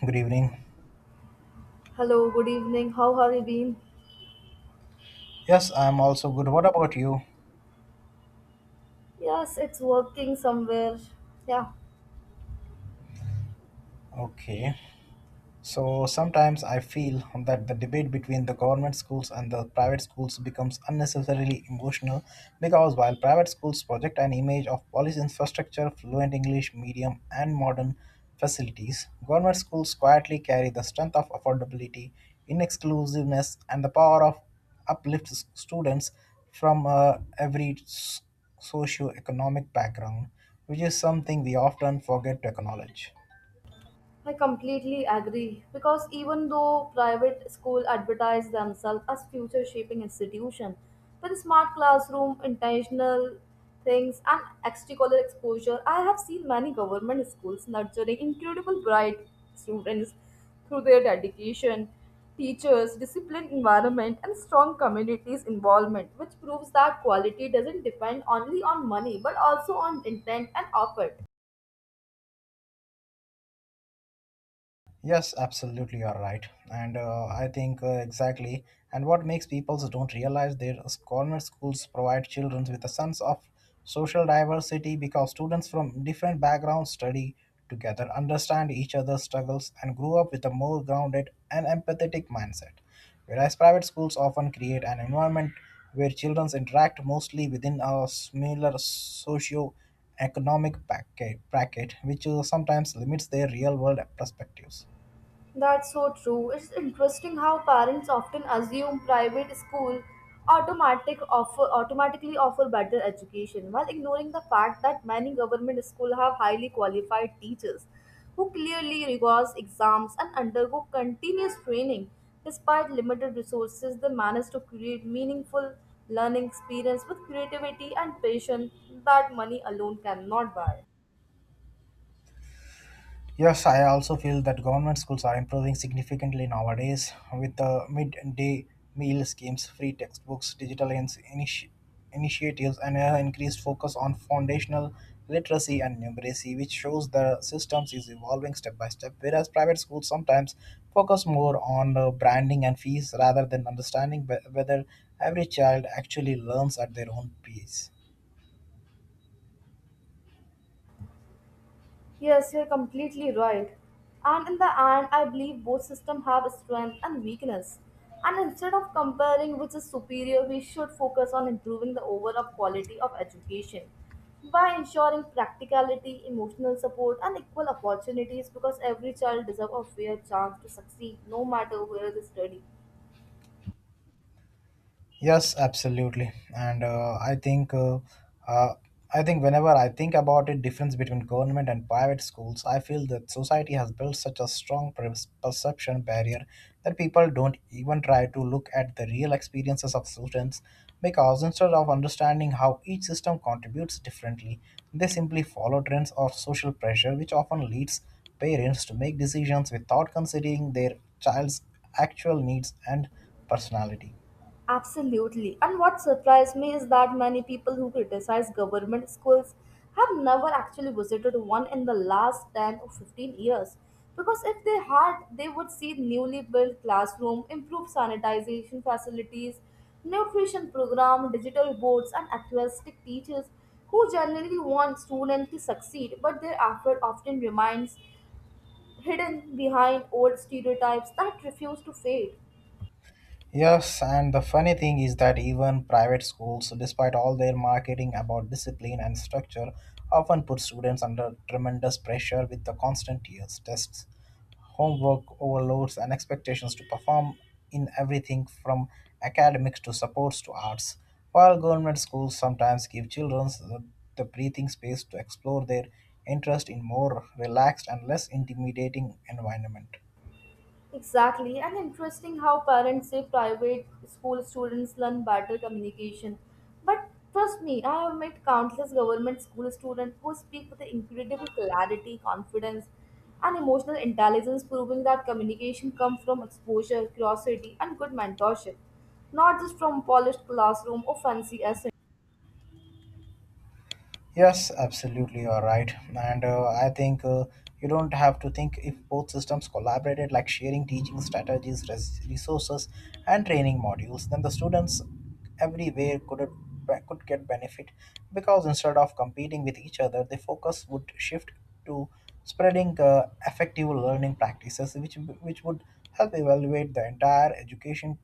Good evening. Hello, good evening. How have you been? Yes, I'm also good. What about you? Yes, it's working somewhere. Yeah. Okay. So sometimes I feel that the debate between the government schools and the private schools becomes unnecessarily emotional because while private schools project an image of polished infrastructure, fluent English medium, and modern facilities, government schools quietly carry the strength of affordability, inexclusiveness, and the power of uplift students from every socio-economic background, which is something we often forget to acknowledge. I completely agree because even though private school advertise themselves as future shaping institution, with smart classroom, intentional things and extracurricular exposure, I have seen many government schools nurturing incredible bright students through their dedication, teachers, disciplined environment and strong communities involvement, which proves that quality doesn't depend only on money but also on intent and effort. Yes, absolutely, you're right. And I think exactly. And what makes people don't realize their government schools provide children with a sense of social diversity because students from different backgrounds study together, understand each other's struggles, and grow up with a more grounded and empathetic mindset. Whereas private schools often create an environment where children interact mostly within a similar socio economic bracket, bracket, which sometimes limits their real world perspectives. That's so true. It's interesting how parents often assume private school automatic offer automatically offer better education while ignoring the fact that many government schools have highly qualified teachers who clearly rigorous exams and undergo continuous training despite limited resources they manage to create meaningful learning experience with creativity and patience that money alone cannot buy. Yes, I also feel that government schools are improving significantly nowadays with the midday meal schemes, free textbooks, digital initiatives, and an increased focus on foundational literacy and numeracy, which shows the systems is evolving step by step. Whereas private schools sometimes focus more on branding and fees rather than understanding whether every child actually learns at their own pace. Yes, you're completely right. And in the end, I believe both systems have strength and weakness. And instead of comparing which is superior, we should focus on improving the overall quality of education by ensuring practicality, emotional support, and equal opportunities because every child deserves a fair chance to succeed no matter where they study. Yes, absolutely. And uh, I think whenever I think about it, difference between government and private schools, I feel that society has built such a strong perception barrier that people don't even try to look at the real experiences of students because instead of understanding how each system contributes differently, they simply follow trends or social pressure, which often leads parents to make decisions without considering their child's actual needs and personality. Absolutely. And what surprised me is that many people who criticize government schools have never actually visited one in the last 10 or 15 years. Because if they had, they would see newly built classroom, improved sanitization facilities, nutrition program, digital boards, and altruistic teachers who generally want students to succeed, but their effort often remains hidden behind old stereotypes that refuse to fade. Yes, and the funny thing is that even private schools, despite all their marketing about discipline and structure, often put students under tremendous pressure with the constant years, tests, homework overloads, and expectations to perform in everything from academics to sports to arts. While government schools sometimes give children the breathing space to explore their interest in more relaxed and less intimidating environment. Exactly, and interesting how parents say private school students learn better communication. But trust me, I have met countless government school students who speak with incredible clarity, confidence, and emotional intelligence, proving that communication comes from exposure, curiosity, and good mentorship, not just from polished classroom or fancy essay. Yes, absolutely, you're right. And I think you don't have to think if both systems collaborated, like sharing teaching strategies, resources, and training modules, then the students everywhere could get benefit because instead of competing with each other, the focus would shift to spreading effective learning practices, which would help evaluate the entire education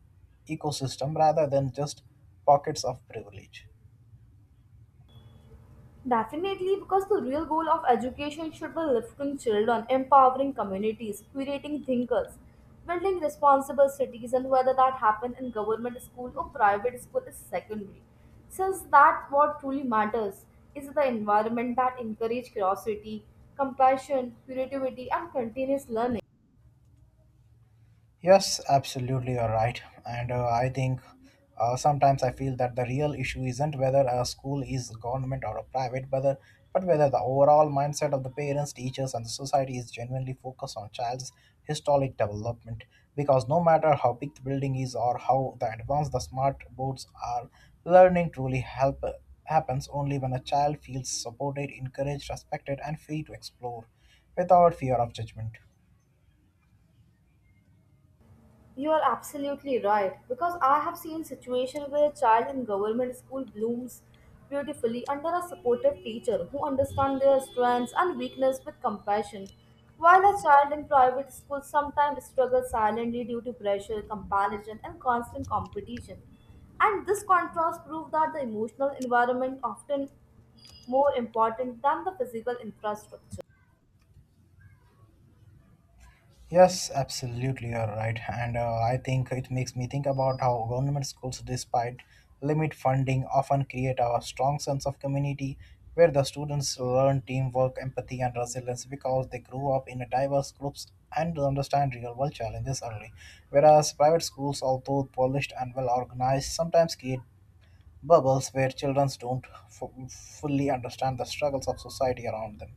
ecosystem rather than just pockets of privilege. Definitely, because the real goal of education should be lifting children, empowering communities, creating thinkers, building responsible cities, and whether that happen in government school or private school is secondary. Since that what truly matters is the environment that encourages curiosity, compassion, creativity, and continuous learning. Yes, absolutely, you're right. And I think sometimes I feel that the real issue isn't whether a school is government or a private, whether but whether the overall mindset of the parents, teachers, and the society is genuinely focused on child's historic development. Because no matter how big the building is or how the advanced the smart boards are, learning truly help happens only when a child feels supported, encouraged, respected, and free to explore without fear of judgment. You are absolutely right because I have seen situations where a child in government school blooms beautifully under a supportive teacher who understands their strengths and weakness with compassion, while a child in private school sometimes struggles silently due to pressure, comparison, and constant competition. And this contrast proves that the emotional environment often more important than the physical infrastructure. Yes, absolutely, you're right. And I think it makes me think about how government schools, despite limit funding, often create a strong sense of community where the students learn teamwork, empathy, and resilience because they grow up in diverse groups and understand real world challenges early. Whereas private schools, although polished and well organized, sometimes create bubbles where children don't fully understand the struggles of society around them.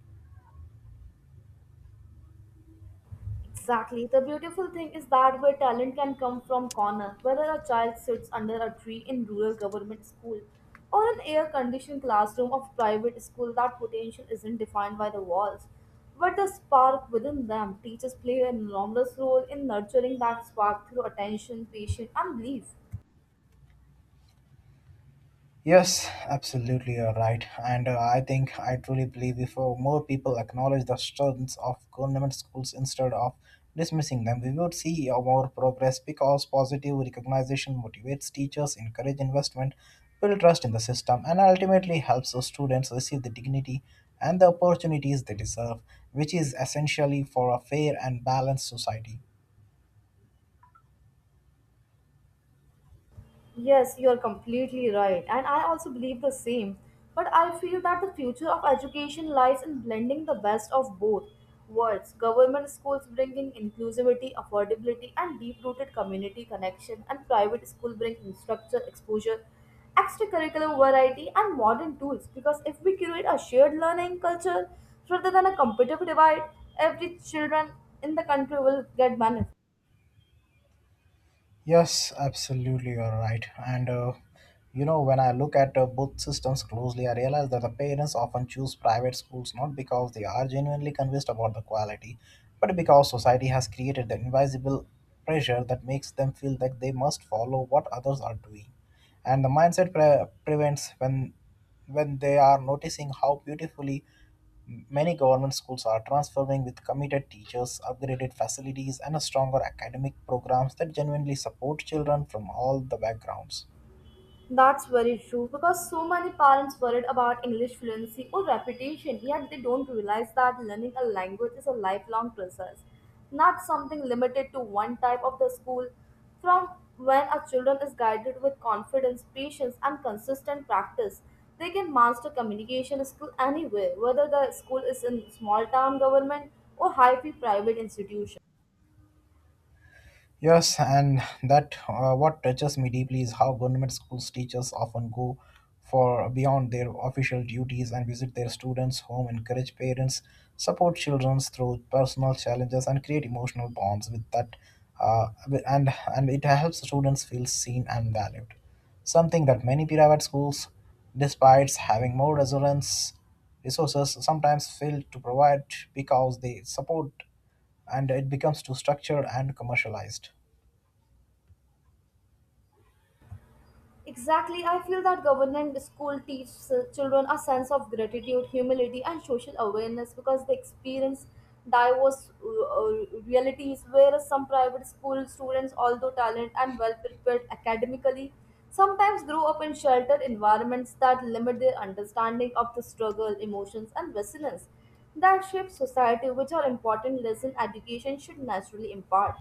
Exactly. The beautiful thing is that where talent can come from corner, whether a child sits under a tree in rural government school or an air-conditioned classroom of private school, that potential isn't defined by the walls. But the spark within them, teachers play an enormous role in nurturing that spark through attention, patience, and belief. Yes, absolutely, you're right. And I think I truly believe if more people acknowledge the strengths of government schools instead of dismissing them, we would see more progress because positive recognition motivates teachers, encourage investment, build trust in the system, and ultimately helps the students receive the dignity and the opportunities they deserve, which is essentially for a fair and balanced society. Yes, you're completely right. And I also believe the same. But I feel that the future of education lies in blending the best of both worlds. Government schools bringing inclusivity, affordability, and deep rooted community connection, and private school bringing structure, exposure, extracurricular variety, and modern tools. Because if we create a shared learning culture rather than a competitive divide, every children in the country will get benefit. Yes, absolutely, you're right. And you know, when I look at both systems closely, I realize that the parents often choose private schools not because they are genuinely convinced about the quality, but because society has created the invisible pressure that makes them feel that they must follow what others are doing. And the mindset prevents when they are noticing how beautifully many government schools are transforming with committed teachers, upgraded facilities, and stronger academic programs that genuinely support children from all the backgrounds. That's very true because so many parents worried about English fluency or reputation, yet they don't realize that learning a language is a lifelong process, not something limited to one type of the school. From when a children is guided with confidence, patience, and consistent practice, they can master communication skill anywhere, whether the school is in small town government or high fee private institution. Yes, and that what touches me deeply is how government schools teachers often go for beyond their official duties and visit their students' home, encourage parents, support children through personal challenges, and create emotional bonds with that. Uh, and and it helps students feel seen and valued, something that many private schools, despite having more resurance resources, sometimes fail to provide because they support, and it becomes too structured and commercialized. Exactly, I feel that government school teaches children a sense of gratitude, humility, and social awareness because they experience diverse realities. Whereas some private school students, although talented and well prepared academically, sometimes grow up in sheltered environments that limit their understanding of the struggle, emotions, and resilience that shape society, which are important lessons education should naturally impart.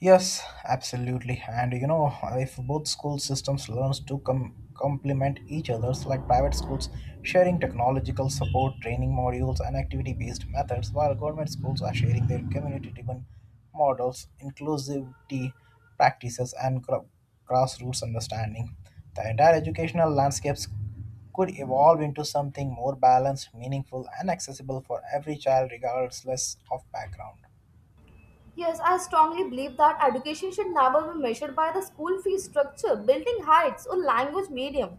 Yes, absolutely. And you know, if both school systems learns to complement each other's, like private schools sharing technological support, training modules, and activity-based methods, while government schools are sharing their community-driven models, inclusivity practices, and grassroots understanding, the entire educational landscapes could evolve into something more balanced, meaningful, and accessible for every child, regardless of background. Yes, I strongly believe that education should never be measured by the school fee structure, building heights, or language medium,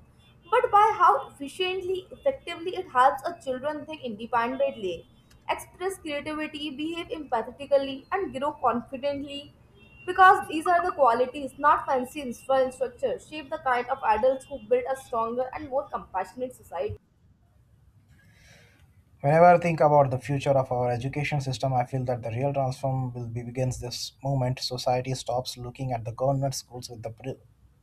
but by how efficiently, effectively it helps a children think independently, express creativity, behave empathetically, and grow confidently. Because these are the qualities, not fancy structure, shape the kind of adults who build a stronger and more compassionate society. Whenever I think about the future of our education system, I feel that the real transform will be begins this moment. Society stops looking at the government schools with the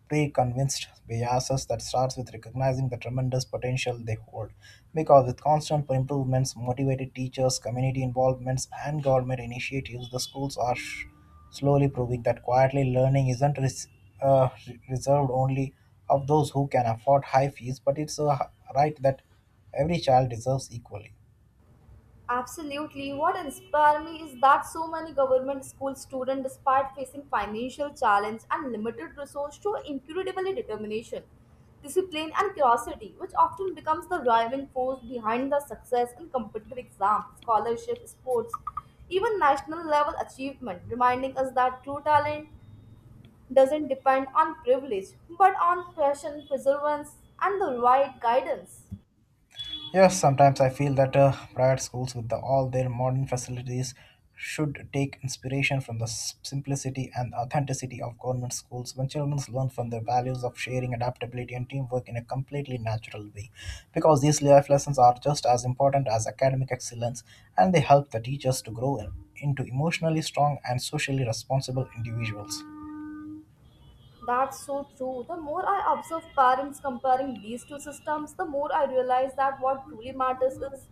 pre-convinced biases that starts with recognizing the tremendous potential they hold. Because with constant improvements, motivated teachers, community involvements, and government initiatives, the schools are slowly proving that quietly learning isn't reserved only of those who can afford high fees, but it's a right that every child deserves equally. Absolutely. What inspired me is that so many government school students, despite facing financial challenge and limited resources, show incredibly determination, discipline, and curiosity, which often becomes the driving force behind the success in competitive exams, scholarship, sports, even national level achievement, reminding us that true talent doesn't depend on privilege, but on passion, perseverance, and the right guidance. Yes, sometimes I feel that private schools, with all their modern facilities, should take inspiration from the simplicity and authenticity of government schools. When children learn from the values of sharing, adaptability, and teamwork in a completely natural way, because these life lessons are just as important as academic excellence, and they help the teachers to grow into emotionally strong and socially responsible individuals. That's so true. The more I observe parents comparing these two systems, the more I realize that what truly matters is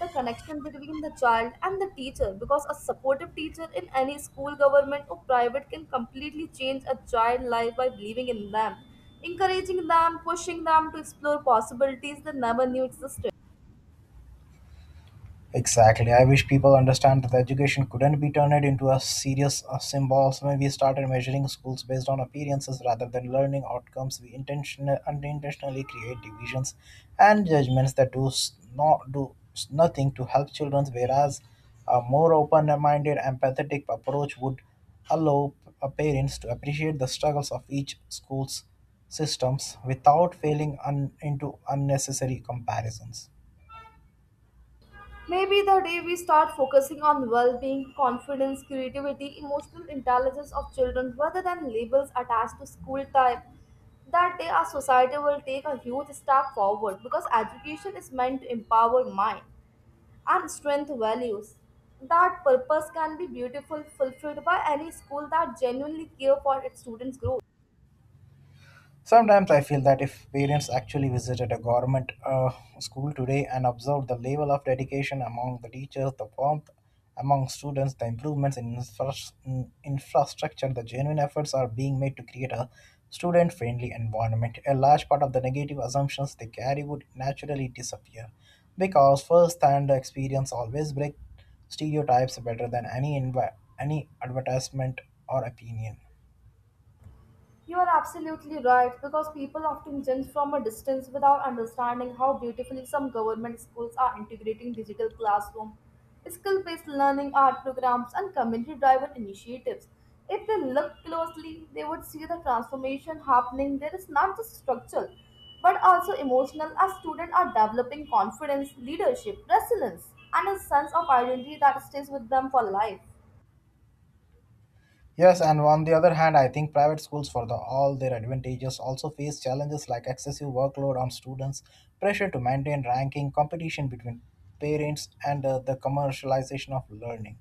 the connection between the child and the teacher because a supportive teacher in any school, government, or private can completely change a child's life by believing in them, encouraging them, pushing them to explore possibilities they never knew existed. Exactly. I wish people understand that education couldn't be turned into a serious symbols when we started measuring schools based on appearances rather than learning outcomes. We intentionally unintentionally create divisions and judgments that not nothing to help children, whereas a more open-minded, empathetic approach would allow parents to appreciate the struggles of each school's systems without failing into unnecessary comparisons. Maybe the day we start focusing on well being, confidence, creativity, emotional intelligence of children rather than labels attached to school type, that day our society will take a huge step forward because education is meant to empower mind and strengthen values. That purpose can be beautiful fulfilled by any school that genuinely care for its students' growth. Sometimes I feel that if parents actually visited a government school today and observed the level of dedication among the teachers, the warmth among students, the improvements in in infrastructure, the genuine efforts are being made to create a student friendly environment. A large part of the negative assumptions they carry would naturally disappear because first hand experience always breaks stereotypes better than any advertisement or opinion. You are absolutely right because people often judge from a distance without understanding how beautifully some government schools are integrating digital classroom, skill based learning, art programs, and community driven initiatives. If they look closely, they would see the transformation happening. There is not just structural but also emotional as students are developing confidence, leadership, resilience, and a sense of identity that stays with them for life. Yes, and on the other hand, I think private schools, for all their advantages, also face challenges like excessive workload on students, pressure to maintain ranking, competition between parents, and the commercialization of learning,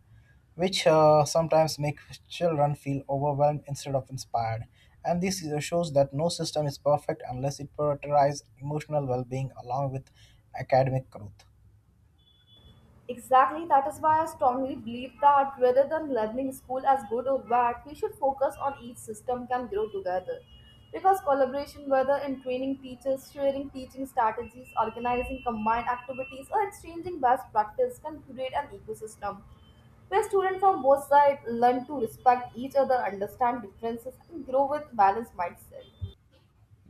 which sometimes make children feel overwhelmed instead of inspired. And this shows that no system is perfect unless it prioritizes emotional well being along with academic growth. Exactly, that is why I strongly believe that rather than labeling school as good or bad, we should focus on each system can grow together. Because collaboration, whether in training teachers, sharing teaching strategies, organizing combined activities, or exchanging best practice, can create an ecosystem where students from both sides learn to respect each other, understand differences, and grow with balanced mindset.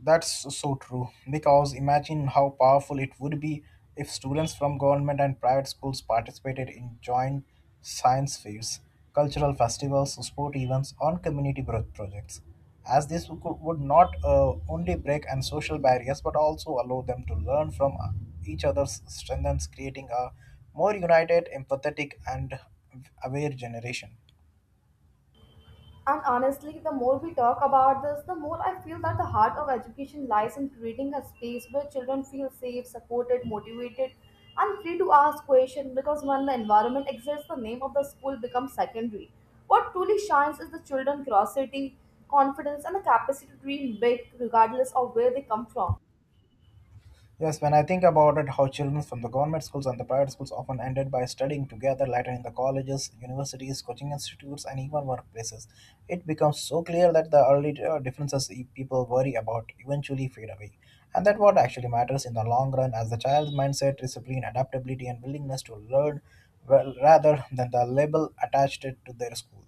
That's so true because imagine how powerful it would be if students from government and private schools participated in joint science fairs, cultural festivals, sport events, or community projects. As this would not only break and social barriers but also allow them to learn from each other's strengths, creating a more united, empathetic, and aware generation. And honestly, the more we talk about this, the more I feel that the heart of education lies in creating a space where children feel safe, supported, motivated, and free to ask questions because when the environment exists, the name of the school becomes secondary. What truly shines is the children's curiosity, confidence, and the capacity to dream big regardless of where they come from. Yes, when I think about it, how children from the government schools and the private schools often ended by studying together later in the colleges, universities, coaching institutes, and even workplaces, it becomes so clear that the early differences people worry about eventually fade away. And that what actually matters in the long run as the child's mindset, discipline, adaptability, and willingness to learn well, rather than the label attached it to their school.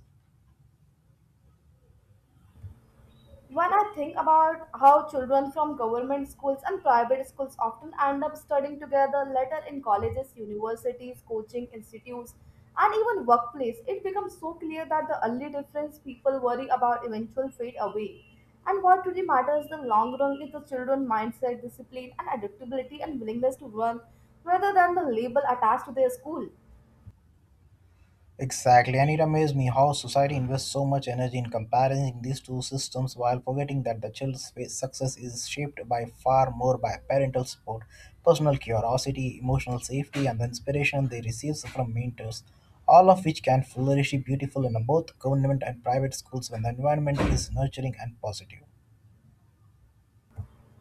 When I think about how children from government schools and private schools often end up studying together later in colleges, universities, coaching institutes, and even workplace, it becomes so clear that the only difference people worry about eventual fade away. And what really matters in the long run is the children's mindset, discipline, and adaptability and willingness to learn rather than the label attached to their school. Exactly, and it amazed me how society invests so much energy in comparing these two systems while forgetting that the child's success is shaped by far more by parental support, personal curiosity, emotional safety, and the inspiration they receive from mentors, all of which can flourish beautiful in both government and private schools when the environment is nurturing and positive.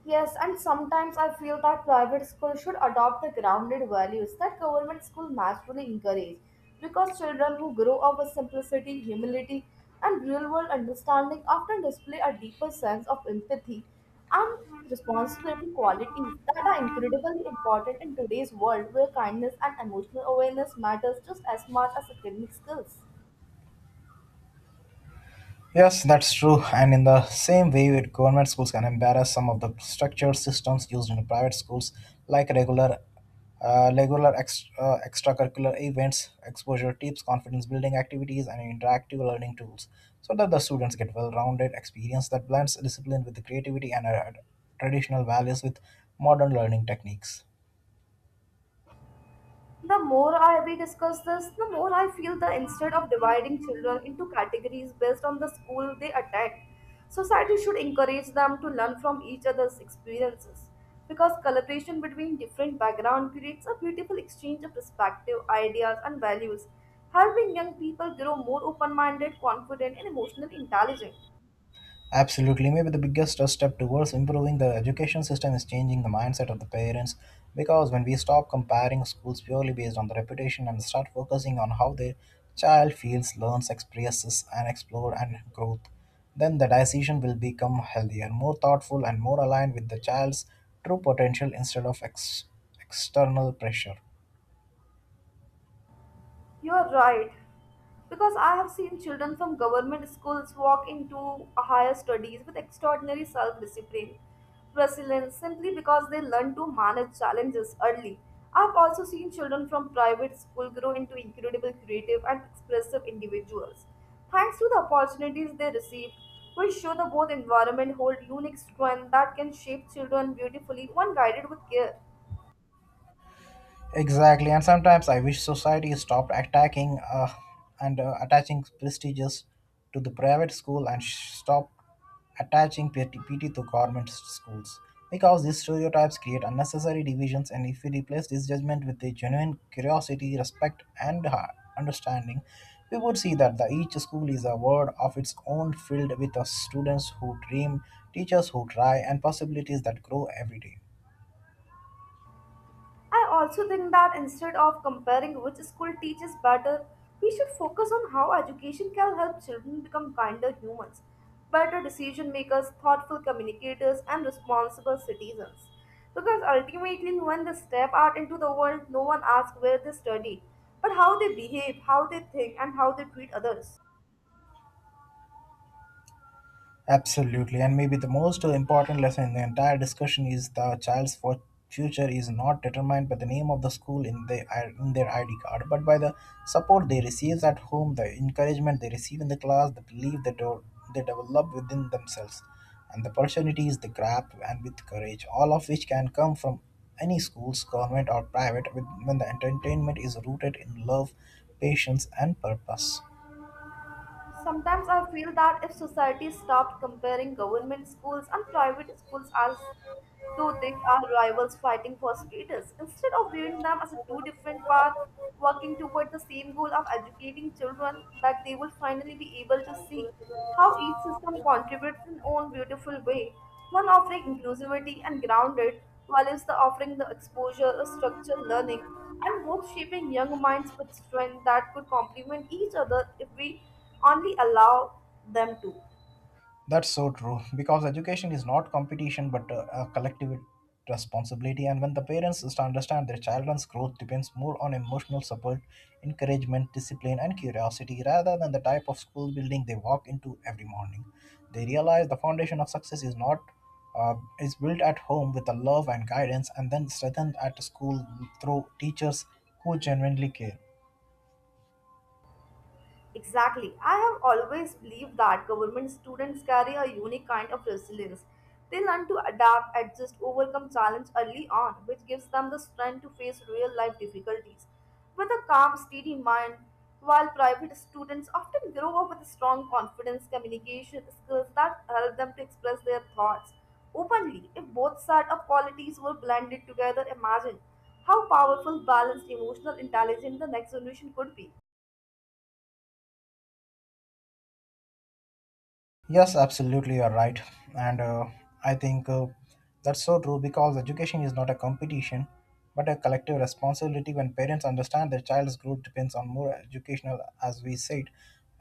Yes, and sometimes I feel that private schools should adopt the grounded values that government schools naturally encourage because children who grow up with simplicity, humility, and real world understanding often display a deeper sense of empathy and responsibility qualities that are incredibly important in today's world where kindness and emotional awareness matters just as much as academic skills. Yes, that's true. And in the same way, with government schools can embarrass some of the structured systems used in private schools, like regular extracurricular events, exposure tips, confidence building activities, and interactive learning tools, so that the students get well-rounded experience that blends discipline with creativity and traditional values with modern learning techniques. The more I we discuss this, the more I feel that instead of dividing children into categories based on the school they attend, society should encourage them to learn from each other's experiences. Because collaboration between different backgrounds creates a beautiful exchange of perspective, ideas, and values, helping young people grow more open minded, confident, and emotionally intelligent. Absolutely. Maybe the biggest step towards improving the education system is changing the mindset of the parents because when we stop comparing schools purely based on the reputation and start focusing on how their child feels, learns, experiences, and explore and growth, then the decision will become healthier, more thoughtful, and more aligned with the child's true potential instead of external pressure. You are right, because I have seen children from government schools walk into higher studies with extraordinary self discipline, resilience, simply because they learn to manage challenges early. I've also seen children from private school grow into incredible creative and expressive individuals. Thanks to the opportunities they receive, we show that both environment hold unique strength that can shape children beautifully when guided with care. Exactly, and sometimes I wish society stopped attacking and attaching prestigious to the private school and stopped attaching PT, to government schools. Because these stereotypes create unnecessary divisions, and if we replace this judgment with a genuine curiosity, respect, and understanding, we would see that each school is a world of its own filled with students who dream, teachers who try, and possibilities that grow every day. I also think that instead of comparing which school teaches better, we should focus on how education can help children become kinder humans, better decision makers, thoughtful communicators, and responsible citizens. Because ultimately, when they step out into the world, no one asks where they study, but how they behave, how they think, and how they treat others. Absolutely. And maybe the most important lesson in the entire discussion is the child's future is not determined by the name of the school in their ID card, but by the support they receive at home, the encouragement they receive in the class, the belief they develop within themselves, and the opportunities they grab and with courage, all of which can come from any schools, government or private, when the entertainment is rooted in love, patience, and purpose. Sometimes I feel that if society stopped comparing government schools and private schools as though they are rivals fighting for status, instead of viewing them as a two different paths working toward the same goal of educating children, that they will finally be able to see how each system contributes in own beautiful way, one offering inclusivity and grounded, while is the offering the exposure of structured learning, and both shaping young minds with strength that could complement each other if we only allow them to. That's so true because education is not competition but a collective responsibility. And when the parents is to understand their children's growth depends more on emotional support, encouragement, discipline, and curiosity rather than the type of school building they walk into every morning, they realize the foundation of success is not. Uh, is built at home with the love and guidance and then strengthened at school through teachers who genuinely care. Exactly. I have always believed that government students carry a unique kind of resilience. They learn to adapt, adjust, overcome challenge early on, which gives them the strength to face real life difficulties with a calm, steady mind. While private students often grow up with strong confidence, communication skills that help them to express their thoughts openly. If both sides of qualities were blended together, imagine how powerful, balanced, emotional intelligence the next generation could be. Yes, absolutely, you're right. And I think that's so true because education is not a competition but a collective responsibility when parents understand their child's growth depends on more educational, as we said.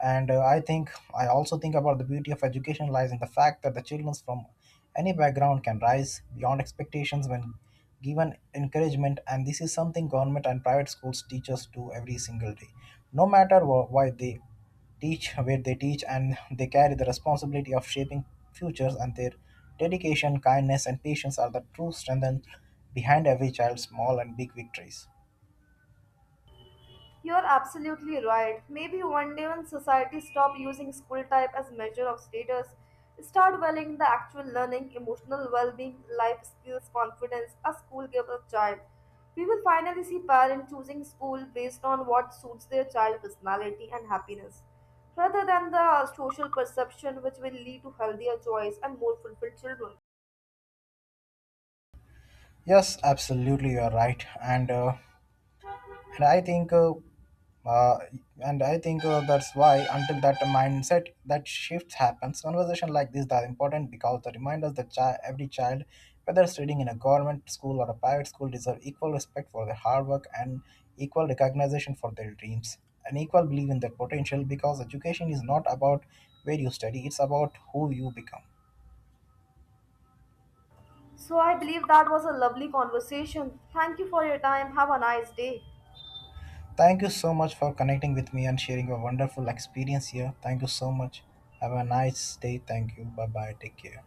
And I think I also think about the beauty of education lies in the fact that the children from any background can rise beyond expectations when given encouragement, and this is something government and private schools teach us do every single day, no matter wh- why they teach where they teach, and they carry the responsibility of shaping futures, and their dedication, kindness, and patience are the true strength behind every child's small and big victories. You're absolutely right. Maybe one day when society stop using school type as measure of status, start valuing the actual learning, emotional well-being, life skills, confidence a school gives a child. We will finally see parents choosing school based on what suits their child personality and happiness, rather than the social perception which will lead to healthier choice and more fulfilled children. Yes, absolutely, you are right. And and i think uh, uh, and I think that's why until that shift happens, conversation like this are important because they remind us that every child, whether studying in a government school or a private school, deserve equal respect for their hard work, and equal recognition for their dreams, and equal belief in their potential, because education is not about where you study, it's about who you become. So I believe that was a lovely conversation. Thank you for your time. Have a nice day. Thank you so much for connecting with me and sharing your wonderful experience here. Thank you so much. Have a nice day. Thank you. Bye bye. Take care.